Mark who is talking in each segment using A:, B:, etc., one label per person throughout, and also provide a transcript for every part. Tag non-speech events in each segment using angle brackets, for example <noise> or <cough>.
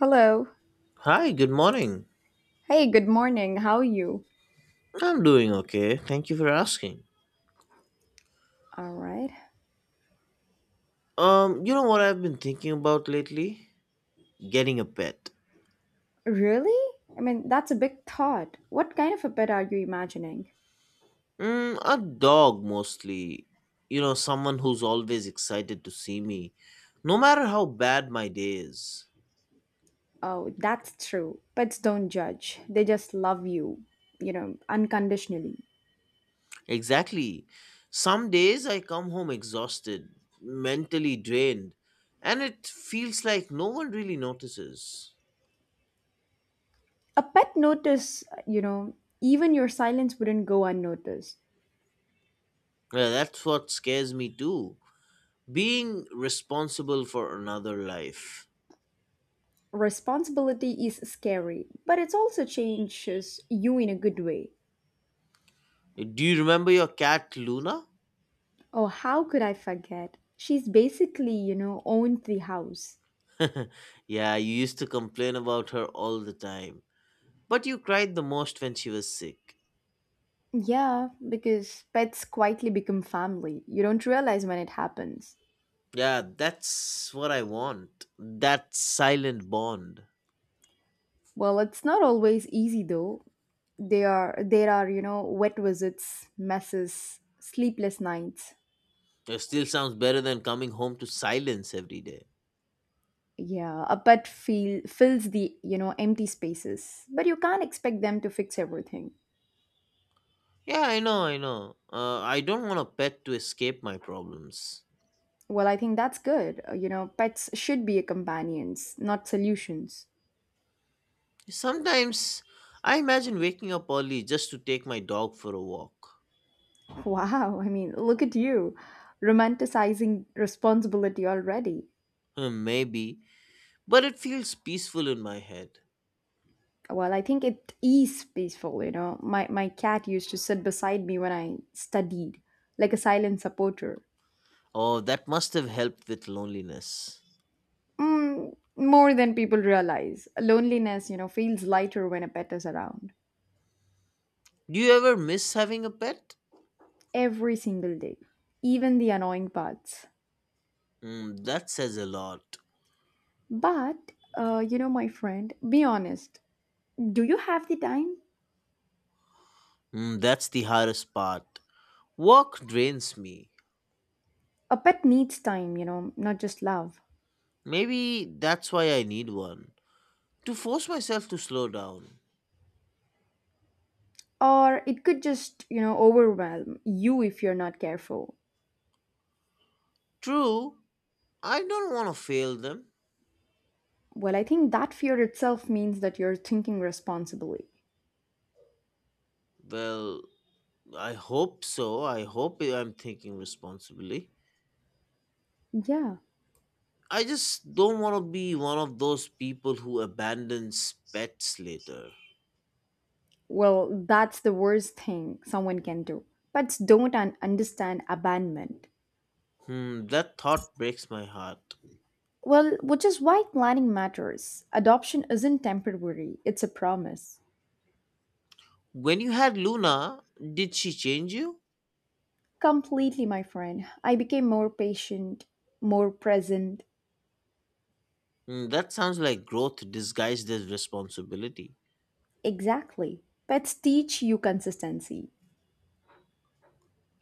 A: Hello.
B: Hi, good morning.
A: Hey, good morning. How are you?
B: I'm doing okay. Thank you for asking.
A: All right.
B: You know what I've been thinking about lately? Getting a pet.
A: Really? I mean, that's a big thought. What kind of a pet are you imagining?
B: Mm, a dog mostly. You know, someone who's always excited to see me, no matter how bad my day is.
A: Oh, that's true. Pets don't judge. They just love you, you know, unconditionally.
B: Exactly. Some days I come home exhausted, mentally drained, and it feels like no one really notices.
A: A pet notice, you know, even your silence wouldn't go unnoticed.
B: Yeah, that's what scares me too. Being responsible for another life.
A: Responsibility is scary, but it also changes you in a good way.
B: Do you remember your cat Luna?
A: Oh, how could I forget? She's basically, you know, owned the house.
B: <laughs> Yeah, you used to complain about her all the time. But you cried the most when she was sick.
A: Yeah, because pets quietly become family. You don't realize when it happens.
B: Yeah, that's what I want. That silent bond.
A: Well, it's not always easy though. They are there are, you know, wet visits, messes, sleepless nights.
B: It still sounds better than coming home to silence every day.
A: Yeah, a pet feel fills the, you know, empty spaces. But you can't expect them to fix everything.
B: Yeah, I know. I don't want a pet to escape my problems.
A: Well, I think that's good. You know, pets should be companions, not solutions.
B: Sometimes I imagine waking up early just to take my dog for a walk.
A: <laughs> Wow, I mean, look at you romanticizing responsibility already.
B: Maybe, but it feels peaceful in my head.
A: Well, I think it is peaceful, you know. My cat used to sit beside me when I studied, like a silent supporter.
B: Oh, that must have helped with loneliness.
A: Mm, more than people realize. Loneliness, you know, feels lighter when a pet is around.
B: Do you ever miss having a pet?
A: Every single day, even the annoying parts.
B: Mm, that says a lot.
A: But, you know, my friend, be honest. Do you have the time?
B: Mm, that's the hardest part. Work drains me.
A: A pet needs time, you know, not just love.
B: Maybe that's why I need one. To force myself to slow down.
A: Or it could just, you know, overwhelm you if you're not careful.
B: True, I don't want to fail them.
A: Well, I think that fear itself means that you're thinking responsibly.
B: Well, I hope so. I hope I'm thinking responsibly.
A: Yeah.
B: I just don't want to be one of those people who abandons pets later.
A: Well, that's the worst thing someone can do. Pets don't understand abandonment.
B: Hmm, that thought breaks my heart.
A: Well, which is why planning matters. Adoption isn't temporary, it's a promise.
B: When you had Luna, did she change you?
A: Completely, my friend. I became more patient, more present.
B: Mm, that sounds like growth disguised as responsibility.
A: Exactly. Pets teach you consistency.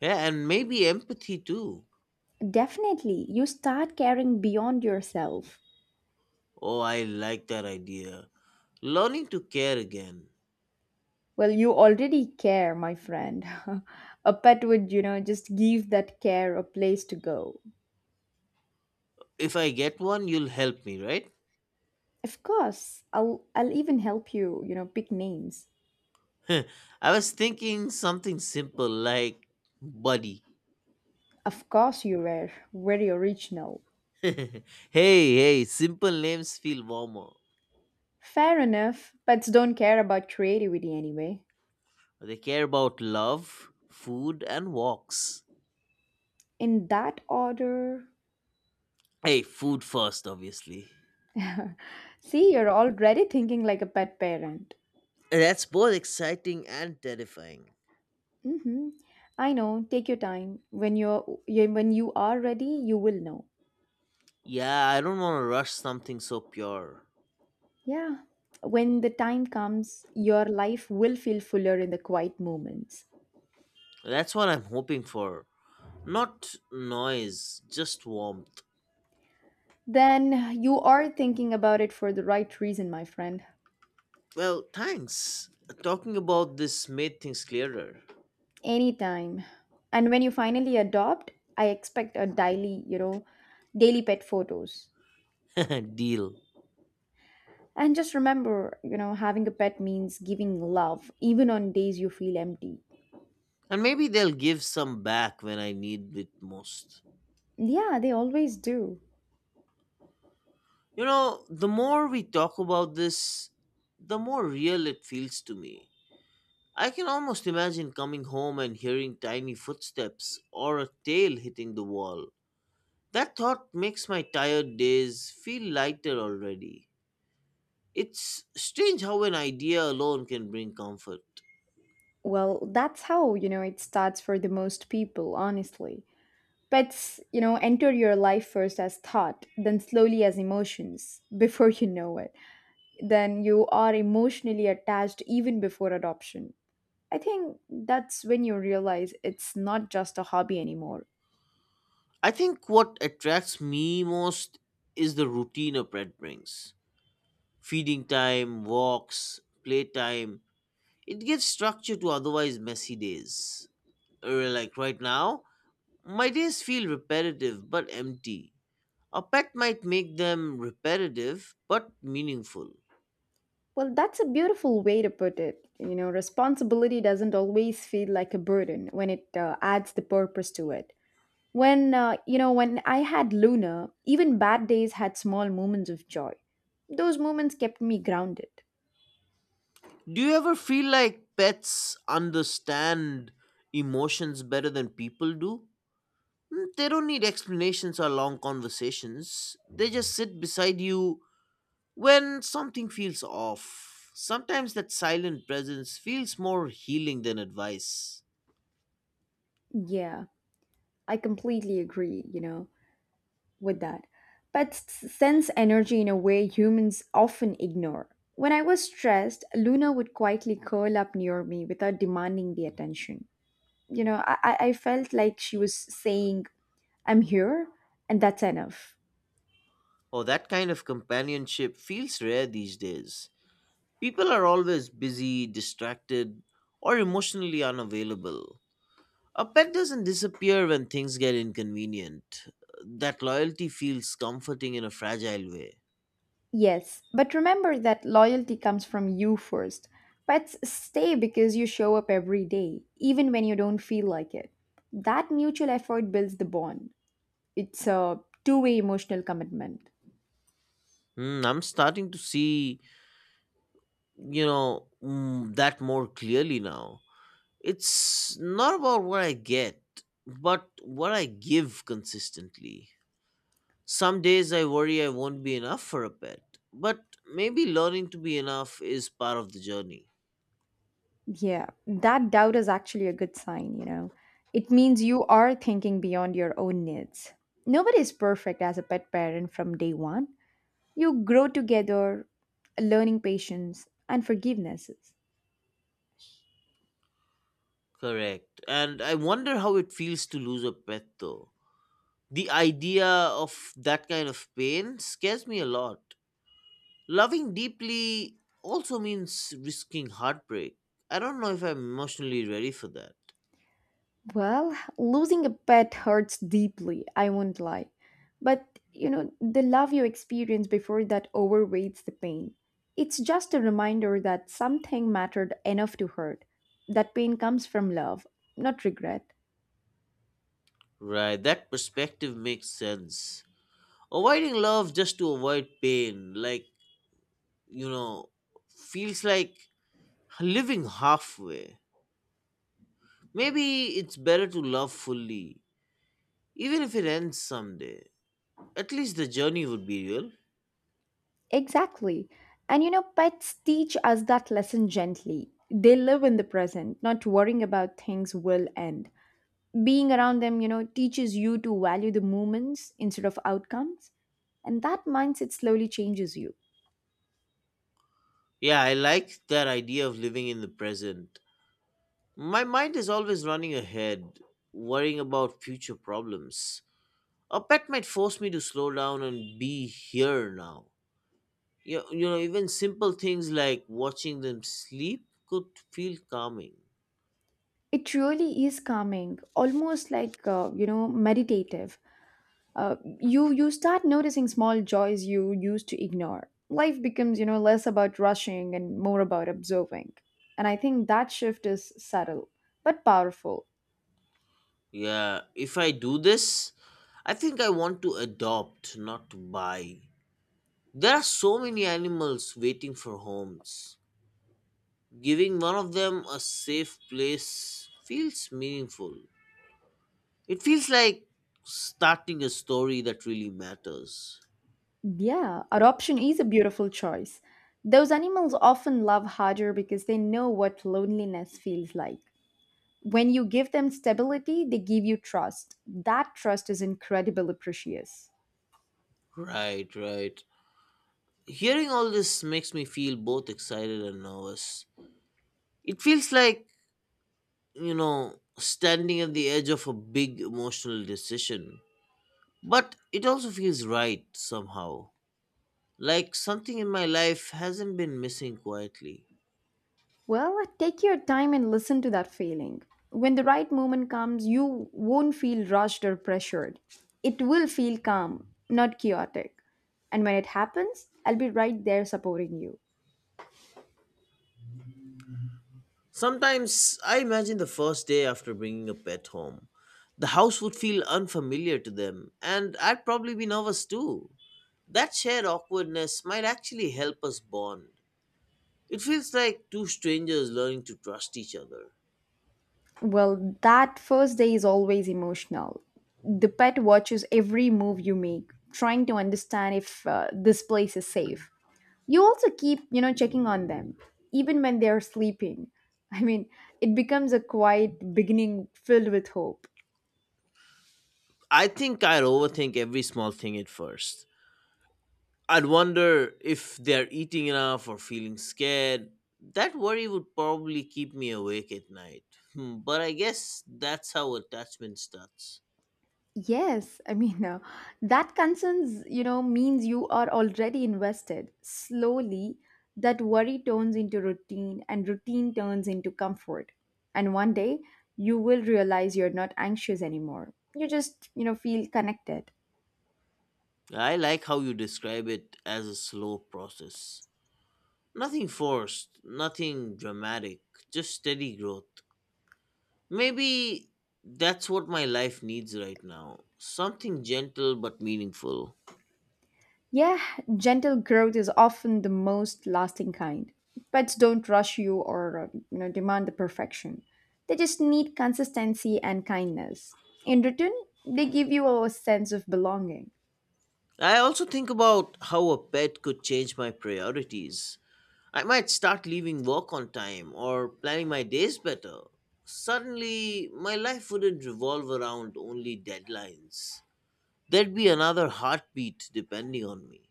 B: Yeah, and maybe empathy too.
A: Definitely, you start caring beyond yourself.
B: Oh, I like that idea. Learning to care again.
A: Well, you already care, my friend. <laughs> a pet would, you know, just give that care a place to go.
B: If I get one, you'll help me, right?
A: Of course, I'll even help you, you know, pick names.
B: I was thinking something simple like buddy.
A: Of course you were very original.
B: <laughs> hey, hey, simple names feel warmer.
A: Fair enough. Pets don't care about creativity anyway.
B: They care about love, food, and walks.
A: In that order.
B: Hey, food first, obviously.
A: <laughs> See, you're already thinking like a pet parent.
B: That's both exciting and terrifying.
A: Mhm. I know. Take your time. When you are ready, you will know.
B: Yeah, I don't want to rush something so pure.
A: Yeah. When the time comes, your life will feel fuller in the quiet moments.
B: That's what I'm hoping for. Not noise, just warmth.
A: Then you are thinking about it for the right reason, my friend.
B: Well, thanks. Talking about this made things clearer.
A: Anytime. And when you finally adopt, I expect a daily pet photos.
B: <laughs> Deal.
A: And just remember, you know, having a pet means giving love, even on days you feel empty.
B: And maybe they'll give some back when I need it most.
A: Yeah, they always do.
B: You know, the more we talk about this, the more real it feels to me. I can almost imagine coming home and hearing tiny footsteps or a tail hitting the wall. That thought makes my tired days feel lighter already. It's strange how an idea alone can bring comfort.
A: Well, that's how, you know, it starts for the most people, honestly. Pets, you know, enter your life first as thought, then slowly as emotions, <laughs> before you know it. Then you are emotionally attached even before adoption. I think that's when you realize it's not just a hobby anymore.
B: I think what attracts me most is the routine a pet brings, feeding time, walks, playtime. It gives structure to otherwise messy days. Like right now, my days feel repetitive but empty. A pet might make them repetitive but meaningful.
A: Well, that's a beautiful way to put it. You know, responsibility doesn't always feel like a burden when it adds the purpose to it. When I had Luna, even bad days had small moments of joy. Those moments kept me grounded.
B: Do you ever feel like pets understand emotions better than people do? Mm, they don't need explanations or long conversations. They just sit beside you when something feels off. Sometimes that silent presence feels more healing than advice.
A: Yeah, I completely agree, you know, with that. Pets sense energy in a way humans often ignore. When I was stressed, Luna would quietly curl up near me without demanding the attention. You know, I felt like she was saying, I'm here, and that's enough.
B: Oh, that kind of companionship feels rare these days. People are always busy, distracted, or emotionally unavailable. A pet doesn't disappear when things get inconvenient. That loyalty feels comforting in a fragile way.
A: Yes, but remember that loyalty comes from you first. Pets stay because you show up every day, even when you don't feel like it. That mutual effort builds the bond. It's a two-way emotional commitment.
B: Hmm, I'm starting to see that more clearly now. It's not about what I get, but what I give consistently. Some days I worry I won't be enough for a pet, but maybe learning to be enough is part of the journey.
A: Yeah, that doubt is actually a good sign, you know. It means you are thinking beyond your own needs. Nobody is perfect as a pet parent from day one. You grow together, learning patience and forgivenesses.
B: Correct. And I wonder how it feels to lose a pet though. The idea of that kind of pain scares me a lot. Loving deeply also means risking heartbreak. I don't know if I'm emotionally ready for that.
A: Well, losing a pet hurts deeply, I won't lie. But, you know, the love you experience before that overweights the pain. It's just a reminder that something mattered enough to hurt. That pain comes from love, not regret.
B: Right, that perspective makes sense. Avoiding love just to avoid pain, you know, feels like living halfway. Maybe it's better to love fully, even if it ends someday. At least the journey would be real.
A: Exactly. And you know, pets teach us that lesson gently. They live in the present, not worrying about things will end. Being around them, you know, teaches you to value the moments instead of outcomes. And that mindset slowly changes you.
B: Yeah, I like that idea of living in the present. My mind is always running ahead, worrying about future problems. A pet might force me to slow down and be here now. You know, even simple things like watching them sleep could feel calming.
A: It really is calming, almost like, you know, meditative. You start noticing small joys you used to ignore. Life becomes, you know, less about rushing and more about observing, and I think that shift is subtle but powerful.
B: Yeah, if I do this, I think I want to adopt, not to buy. There are so many animals waiting for homes. Giving one of them a safe place feels meaningful. It feels like starting a story that really matters.
A: Yeah, adoption is a beautiful choice. Those animals often love harder because they know what loneliness feels like. When you give them stability, they give you trust. That trust is incredibly precious.
B: Right, right. Hearing all this makes me feel both excited and nervous. It feels like, you know, standing at the edge of a big emotional decision. But it also feels right somehow. Like something in my life hasn't been missing quietly.
A: Well, take your time and listen to that feeling. When the right moment comes, you won't feel rushed or pressured. It will feel calm, not chaotic. And when it happens, I'll be right there supporting you.
B: Sometimes I imagine the first day after bringing a pet home. The house would feel unfamiliar to them, and I'd probably be nervous too. That shared awkwardness might actually help us bond. It feels like two strangers learning to trust each other.
A: Well, that first day is always emotional. The pet watches every move you make, trying to understand if this place is safe. You also keep, you know, checking on them, even when they're sleeping. I mean, it becomes a quiet beginning filled with hope.
B: I think I'd overthink every small thing at first. I'd wonder if they're eating enough or feeling scared. That worry would probably keep me awake at night. Hmm, but I guess that's how attachment starts.
A: Yes, I mean, <laughs> that concerns, you know, means you are already invested. Slowly, that worry turns into routine, and routine turns into comfort. And one day, you will realize you're not anxious anymore. You just, you know, feel connected.
B: I like how you describe it as a slow process. Nothing forced, nothing dramatic, just steady growth. Maybe that's what my life needs right now, something gentle but meaningful.
A: Yeah, gentle growth is often the most lasting kind. Pets don't rush you or, you know, demand the perfection. They just need consistency and kindness. In return, they give you a sense of belonging.
B: I also think about how a pet could change my priorities. I might start leaving work on time or planning my days better. Suddenly, my life wouldn't revolve around only deadlines. There'd be another heartbeat depending on me.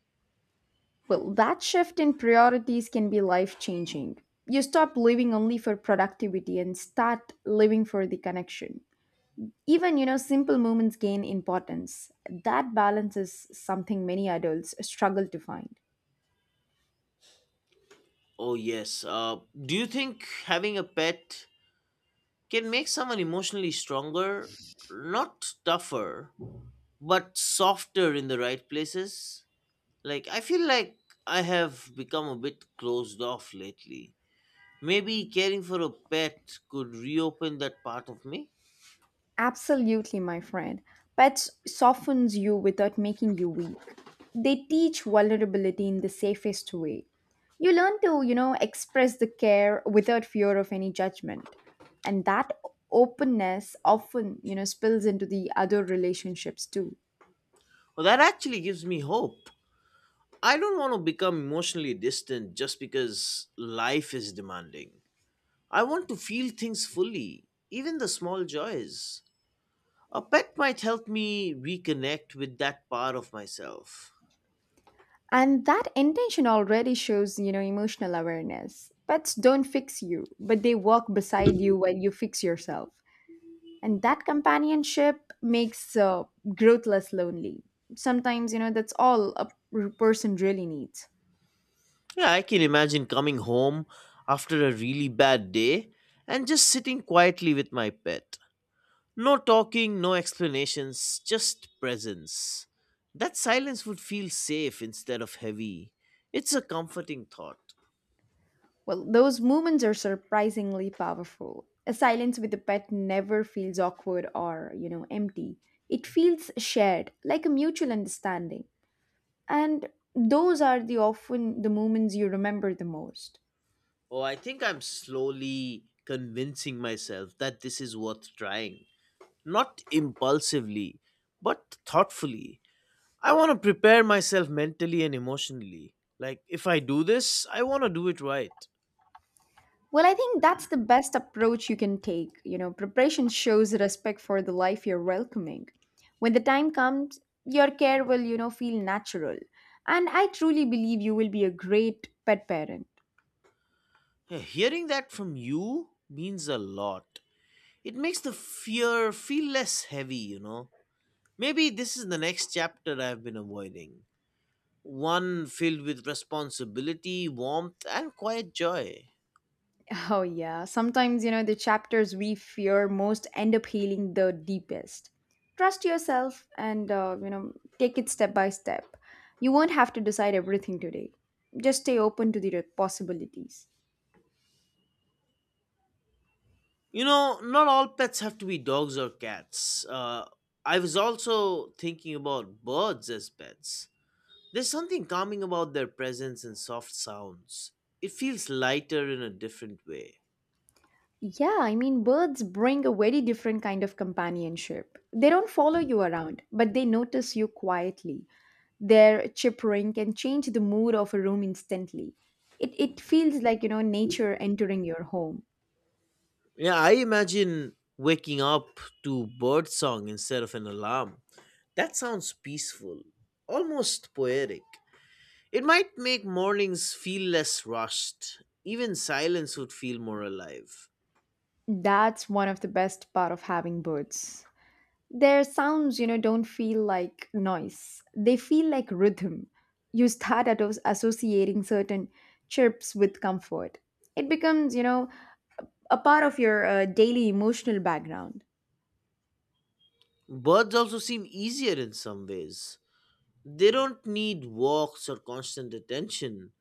A: Well, that shift in priorities can be life changing. You stop living only for productivity and start living for the connection. Even, you know, simple moments gain importance. That balance is something many adults struggle to find.
B: Oh, yes. Do you think having a pet can make someone emotionally stronger? Not tougher, but softer in the right places. Like, I feel like I have become a bit closed off lately. Maybe caring for a pet could reopen that part of me.
A: Absolutely, my friend. Pets softens you without making you weak. They teach vulnerability in the safest way. You learn to, you know, express the care without fear of any judgment. And that openness often, you know, spills into the other relationships too.
B: Well, that actually gives me hope. I don't want to become emotionally distant just because life is demanding. I want to feel things fully, even the small joys. A pet might help me reconnect with that part of myself.
A: And that intention already shows, you know, emotional awareness. Pets don't fix you, but they walk beside you while you fix yourself, and that companionship makes growth less lonely sometimes. You know, that's all a person really needs.
B: Yeah, I can imagine coming home after a really bad day and just sitting quietly with my pet. No talking, no explanations, just presence. That silence would feel safe instead of heavy. It's a comforting thought.
A: Well, those moments are surprisingly powerful. A silence with a pet never feels awkward or, you know, empty. It feels shared, like a mutual understanding, and those are the often the moments you remember the most.
B: Oh, I think I'm slowly convincing myself that this is worth trying. Not impulsively, but thoughtfully. I want to prepare myself mentally and emotionally. Like, if I do this, I want to do it right.
A: Well, I think that's the best approach you can take. You know, preparation shows respect for the life you're welcoming. When the time comes, your care will, you know, feel natural. And I truly believe you will be a great pet parent.
B: Yeah, hearing that from you means a lot. It makes the fear feel less heavy. Maybe this is the next chapter I've been avoiding. One filled with responsibility, warmth, and quiet joy.
A: <laughs> Oh, yeah. Sometimes, you know, the chapters we fear most end up healing the deepest. Trust yourself and, you know, take it step by step. You won't have to decide everything today. Just stay open to the possibilities.
B: You know, not all pets have to be dogs or cats. I was also thinking about birds as pets. There's something calming about their presence and soft sounds. It feels lighter in a different way.
A: Yeah, I mean, birds bring a very different kind of companionship. They don't follow you around, but they notice you quietly. Their chirping can change the mood of a room instantly. It feels like, you know, nature entering your home.
B: Yeah, I imagine waking up to bird song instead of an alarm. That sounds peaceful, almost poetic. It might make mornings feel less rushed. Even silence would feel more alive.
A: That's one of the best part of having birds. Their sounds, you know, don't feel like noise. They feel like rhythm. You start at associating certain chirps with comfort. It becomes, you know, a part of your daily emotional background.
B: Birds also seem easier in some ways. They don't need walks or constant attention,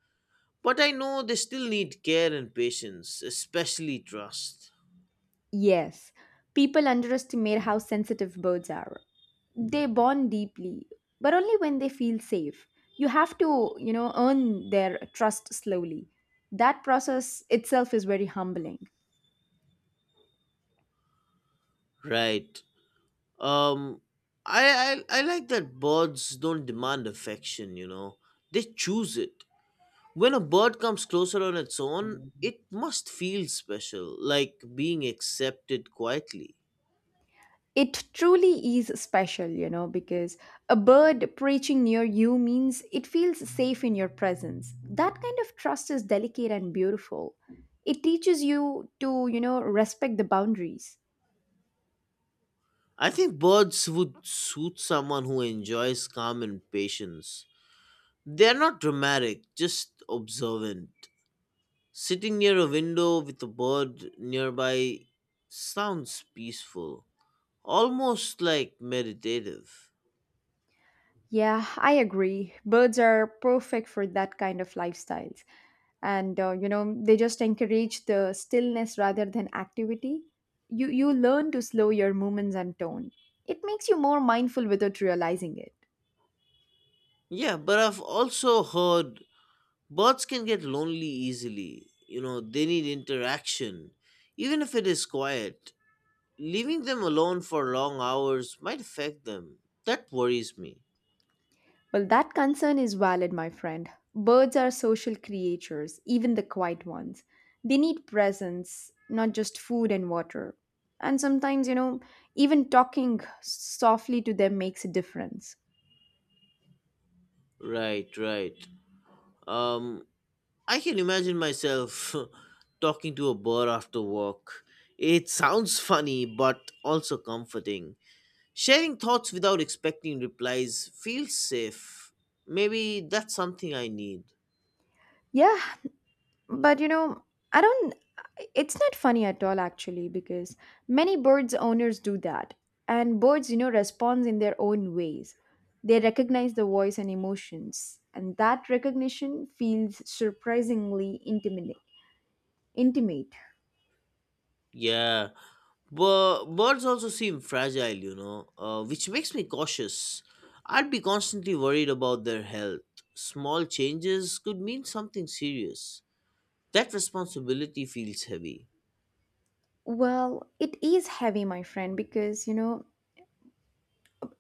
B: but I know they still need care and patience, especially trust.
A: Yes, people underestimate how sensitive birds are. They bond deeply, but only when they feel safe. You have to, you know, earn their trust slowly. That process itself is very humbling.
B: Right. Um, I like that birds don't demand affection. You know, they choose it. When a bird comes closer on its own, it must feel special, like being accepted quietly.
A: It truly is special, you know, because a bird perching near you means it feels safe in your presence. That kind of trust is delicate and beautiful. It teaches you to, you know, respect the boundaries.
B: I think birds would suit someone who enjoys calm and patience. They're not dramatic, just observant. Sitting near a window with a bird nearby sounds peaceful, almost like meditative.
A: Yeah, I agree. Birds are perfect for that kind of lifestyles. And you know, they just encourage the stillness rather than activity. You learn to slow your movements and tone. It makes you more mindful without realizing it.
B: Yeah, but I've also heard birds can get lonely easily. You know, they need interaction, even if it is quiet. Leaving them alone for long hours might affect them. That worries me.
A: Well, that concern is valid, my friend. Birds are social creatures, even the quiet ones. They need presence, not just food and water. And sometimes, you know, even talking softly to them makes a difference.
B: Right, right. Um, I can imagine myself <laughs> talking to a bird after work. It sounds funny, but also comforting. Sharing thoughts without expecting replies feels safe. Maybe that's something I need.
A: Yeah, but you know, I don't, it's not funny at all actually because many birds owners do that. And birds, you know, respond in their own ways. They recognize the voice and emotions, and that recognition feels surprisingly intimate.
B: Yeah, but birds also seem fragile, which makes me cautious. I'd be constantly worried about their health. Small changes could mean something serious. That responsibility feels heavy.
A: Well, it is heavy, my friend, because you know,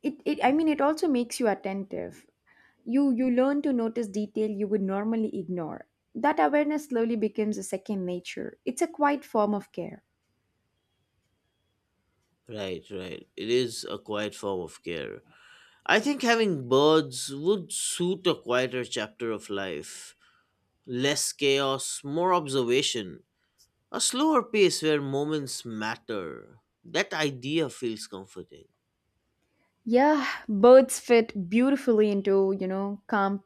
A: it I mean it also makes you attentive. You learn to notice detail you would normally ignore. That awareness slowly becomes a second nature. It's a quiet form of care.
B: Right, right. It is a quiet form of care. I think having birds would suit a quieter chapter of life. Less chaos, more observation. A slower pace where moments matter. That idea feels comforting.
A: Yeah, birds fit beautifully into, you know, calm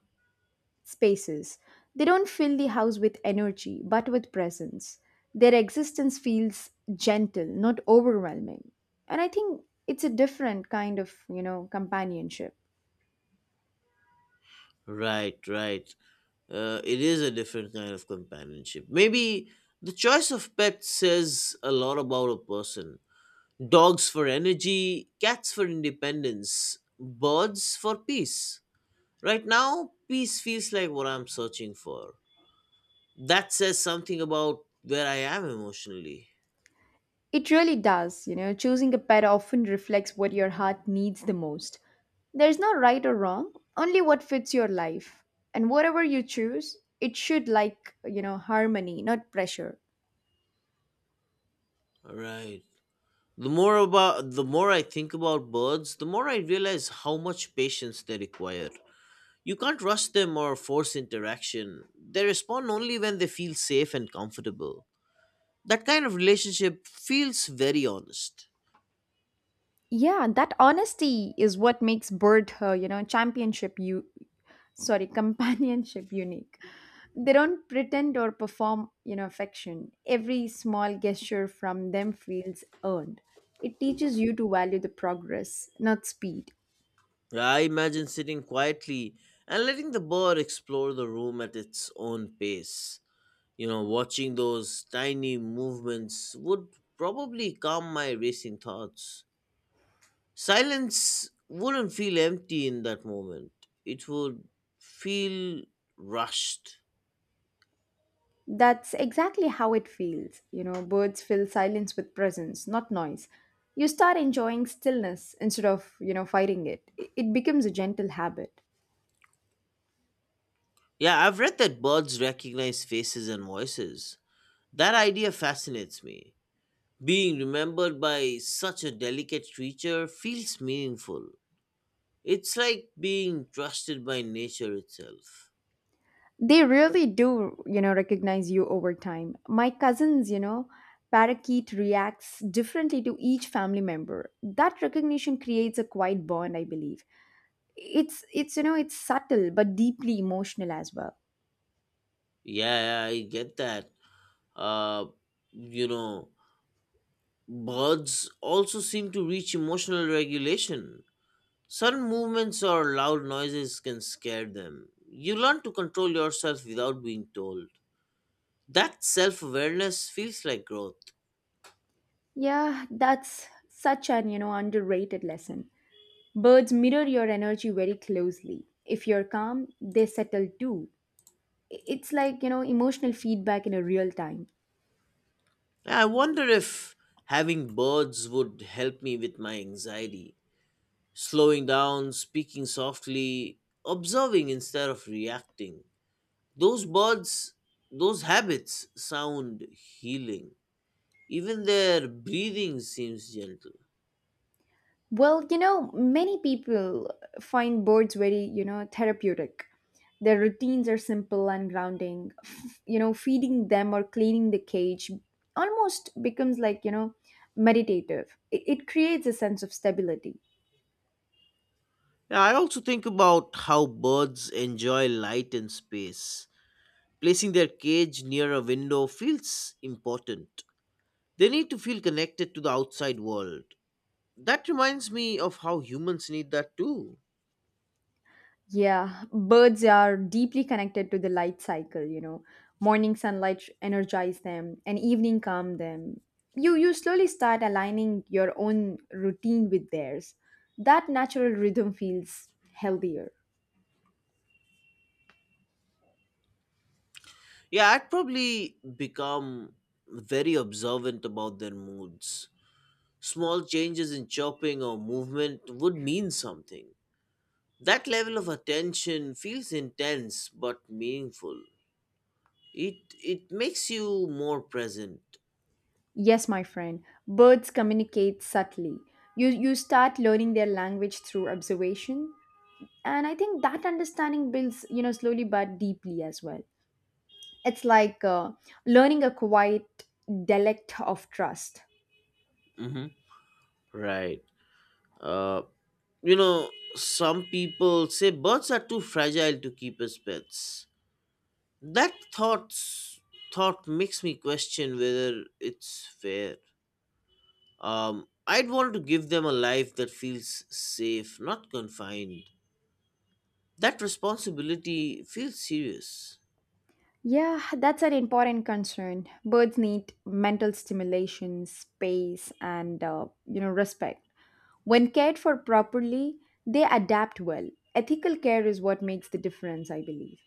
A: spaces. They don't fill the house with energy, but with presence. Their existence feels gentle, not overwhelming. And I think it's a different kind of, companionship.
B: Right, right. It is a different kind of companionship. Maybe the choice of pets says a lot about a person. Dogs for energy, cats for independence, birds for peace. Right now, peace feels like what I'm searching for. That says something about where I am emotionally.
A: It really does, choosing a pet often reflects what your heart needs the most. There's no right or wrong, only what fits your life. And whatever you choose, it should like, harmony, not pressure.
B: Right. The more I think about birds, the more I realize how much patience they require. You can't rush them or force interaction. They respond only when they feel safe and comfortable. That kind of relationship feels very honest.
A: Yeah, that honesty is what makes bird her, you know, championship you sorry, <laughs> companionship unique. They don't pretend or perform, affection. Every small gesture from them feels earned. It teaches you to value the progress, not speed.
B: I imagine sitting quietly and letting the bird explore the room at its own pace. You know, watching those tiny movements would probably calm my racing thoughts. Silence wouldn't feel empty in that moment, it would feel rushed.
A: That's exactly how it feels. You know, birds fill silence with presence, not noise. You start enjoying stillness instead of, fighting it. It becomes a gentle habit.
B: Yeah, I've read that birds recognize faces and voices. That idea fascinates me. Being remembered by such a delicate creature feels meaningful. It's like being trusted by nature itself.
A: They really do, you know, recognize you over time. My cousin's parakeet reacts differently to each family member. That recognition creates a quiet bond, I believe. It's subtle but deeply emotional as well.
B: Yeah, yeah, I get that. Uh, you know, Birds also seem to reach emotional regulation. Sudden movements or loud noises can scare them. You learn to control yourself without being told. That self awareness feels like growth.
A: Yeah, that's such an, you know, underrated lesson. Birds mirror your energy very closely. If you're calm, they settle too. It's like, you know, emotional feedback in a real time.
B: I wonder if having birds would help me with my anxiety. Slowing down, speaking softly, observing instead of reacting. Those birds, those habits sound healing. Even their breathing seems gentle.
A: Well, you know, many people find boards very, therapeutic. Their routines are simple and grounding. Feeding them or cleaning the cage almost becomes like, meditative. It creates a sense of stability.
B: Yeah, I also think about how birds enjoy light and space. Placing their cage near a window feels important. They need to feel connected to the outside world. That reminds me of how humans need that too.
A: Yeah, birds are deeply connected to the light cycle, you know. Morning sunlight energize them and evening calm them. You slowly start aligning your own routine with theirs. That natural rhythm feels healthier.
B: Yeah, I'd probably become very observant about their moods. Small changes in chopping or movement would mean something. That level of attention feels intense but meaningful. It makes you more present.
A: Yes, my friend, birds communicate subtly. You start learning their language through observation, and I think that understanding builds, slowly but deeply as well. It's like learning a quiet dialect of trust.
B: hmm Right. Uh, you know, some people say birds are too fragile to keep as pets. That thought makes me question whether it's fair. I'd want to give them a life that feels safe, not confined. That responsibility feels serious.
A: Yeah, that's an important concern. Birds need mental stimulation, space, and you know, respect. When cared for properly, they adapt well. Ethical care is what makes the difference, I believe.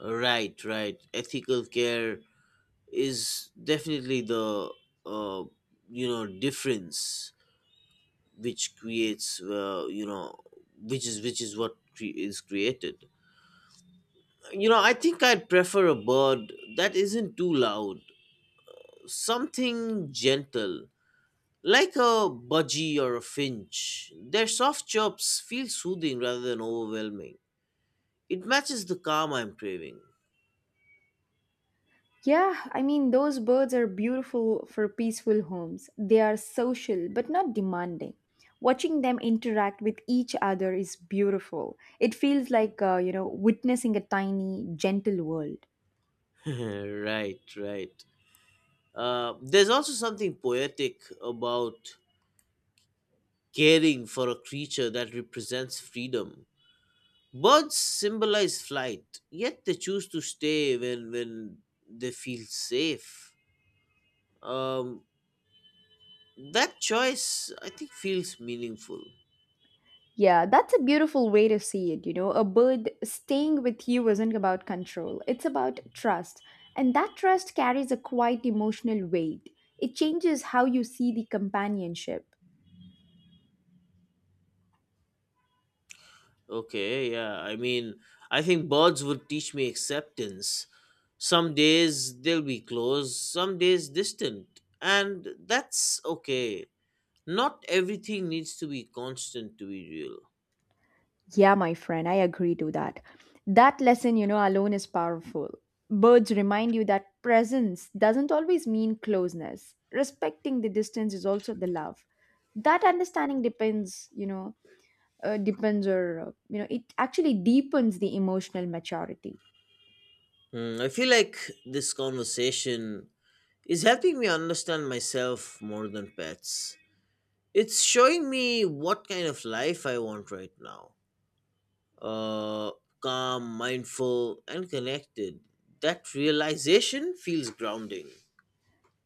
B: Right, right. Ethical care is definitely the uh, difference which creates you know which is what is created. You know, I think I'd prefer a bird that isn't too loud, something gentle, like a budgie or a finch. Their soft chirps feel soothing rather than overwhelming. It matches the calm I'm craving.
A: Yeah, I mean those birds are beautiful for peaceful homes. They are social but not demanding. Watching them interact with each other is beautiful. It feels like you know, witnessing a tiny gentle world.
B: <laughs> Right, right. There's also something poetic about caring for a creature that represents freedom. Birds symbolize flight, yet they choose to stay when they feel safe. Um, that choice, I think, feels meaningful.
A: Yeah, that's a beautiful way to see it. You know, a bird staying with you isn't about control, it's about trust. And that trust carries a quite emotional weight. It changes how you see the companionship.
B: Okay, yeah. I mean, I think birds would teach me acceptance. Some days they'll be close, some days distant, and that's okay. Not everything needs to be constant to be real.
A: Yeah, my friend, I agree to that. That lesson, you know, alone is powerful. Birds remind you that presence doesn't always mean closeness. Respecting the distance is also the love. That understanding depends, you know, depends or you know, it actually deepens the emotional maturity.
B: Hmm, I feel like this conversation is helping me understand myself more than pets. It's showing me what kind of life I want right now: uh, calm, mindful, and connected. That realization feels grounding.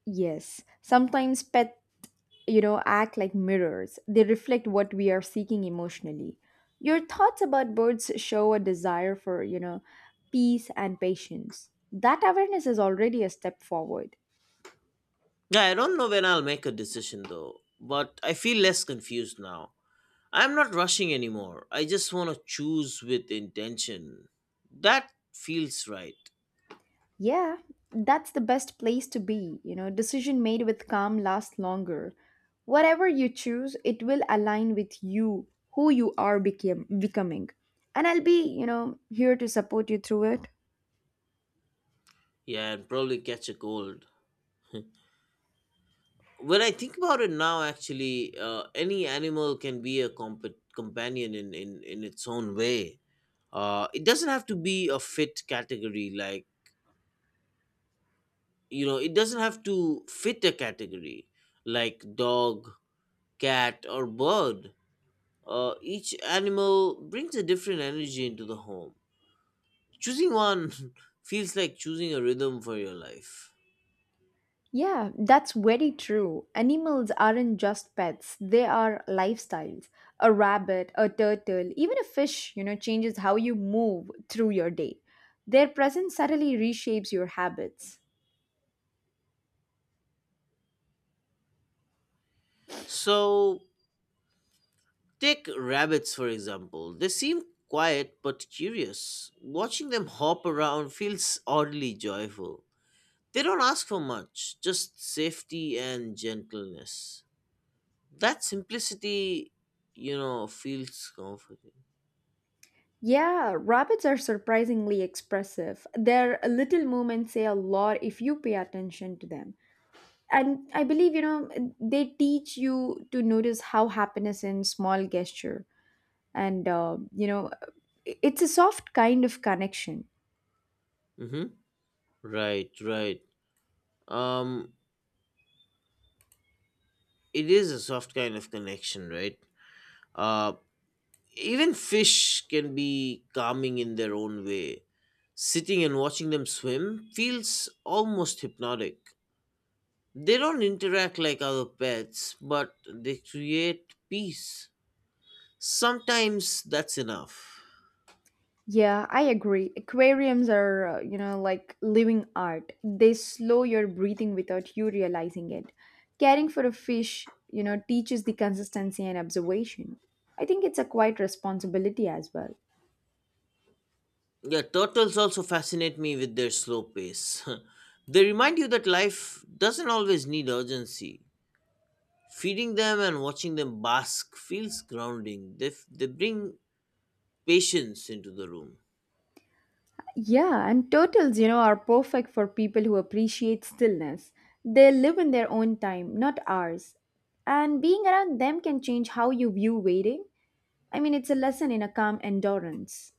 A: Yes, sometimes pet, you know, act like mirrors. They reflect what we are seeking emotionally. Your thoughts about birds show a desire for, you know, peace and patience. That awareness is already a step forward.
B: Yeah, I don't know when I'll make a decision though, but I feel less confused now. I'm not rushing anymore. I just want to choose with intention. That feels right.
A: Yeah, that's the best place to be. You know, decision made with calm lasts longer. Whatever you choose, it will align with you, who you are becoming. And I'll be, here to support you through it.
B: Yeah, and probably catch a cold. When I think about it now, actually, any animal can be a companion in, its own way. It doesn't have to be a fit category like you know it doesn't have to fit a category like dog, cat, or bird. Uh, each animal brings a different energy into the home. Choosing one <laughs> feels like choosing a rhythm for your life.
A: Yeah, that's very true. Animals aren't just pets, they are lifestyles. A rabbit, a turtle, even a fish, changes how you move through your day. Their presence subtly reshapes your habits.
B: So take rabbits for example, they seem quiet but curious. Watching them hop around feels oddly joyful. They don't ask for much, just safety and gentleness. That simplicity, you know, feels comforting.
A: Yeah, rabbits are surprisingly expressive. Their little movements say a lot if you pay attention to them. And I believe, they teach you to notice how happiness in small gesture. And, it's a soft kind of connection.
B: Mm-hmm. Right, right. Um, it is a soft kind of connection, right? Uh, even fish can be calming in their own way. Sitting and watching them swim feels almost hypnotic. They don't interact like other pets, but they create peace. Sometimes that's enough.
A: Yeah, I agree. Aquariums are, like living art. They slow your breathing without you realizing it. Caring for a fish, teaches the consistency and observation. I think it's a quiet responsibility as well.
B: Yeah, turtles also fascinate me with their slow pace. <laughs> They remind you that life doesn't always need urgency. Feeding them and watching them bask feels grounding. They bring patience into the room.
A: Yeah, and turtles, are perfect for people who appreciate stillness. They live in their own time, not ours. And being around them can change how you view waiting. I mean, it's a lesson in a calm endurance.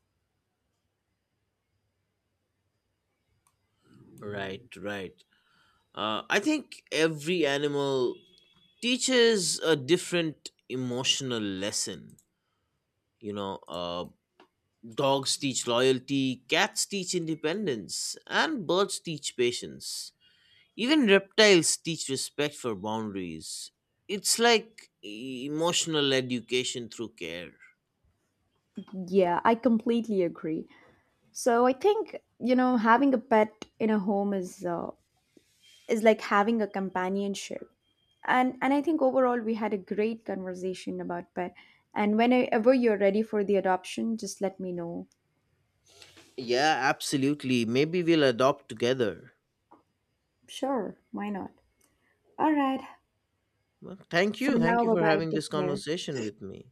B: Right, right. I think every animal teaches a different emotional lesson. You know, dogs teach loyalty, cats teach independence, and birds teach patience. Even reptiles teach respect for boundaries. It's like emotional education through care.
A: Yeah, I completely agree. So I think, you know, having a pet in a home is like having a companionship, and I think overall we had a great conversation about pet. And whenever you're ready for the adoption, just let me know.
B: Yeah, absolutely. Maybe we'll adopt together.
A: Sure, why not? All right.
B: Well, thank
A: For
B: you.
A: now,
B: Thank you
A: bye
B: for
A: bye.
B: having
A: Take
B: this
A: care.
B: conversation with me.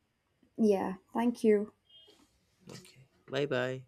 A: Yeah, thank you.
B: Okay. Bye bye.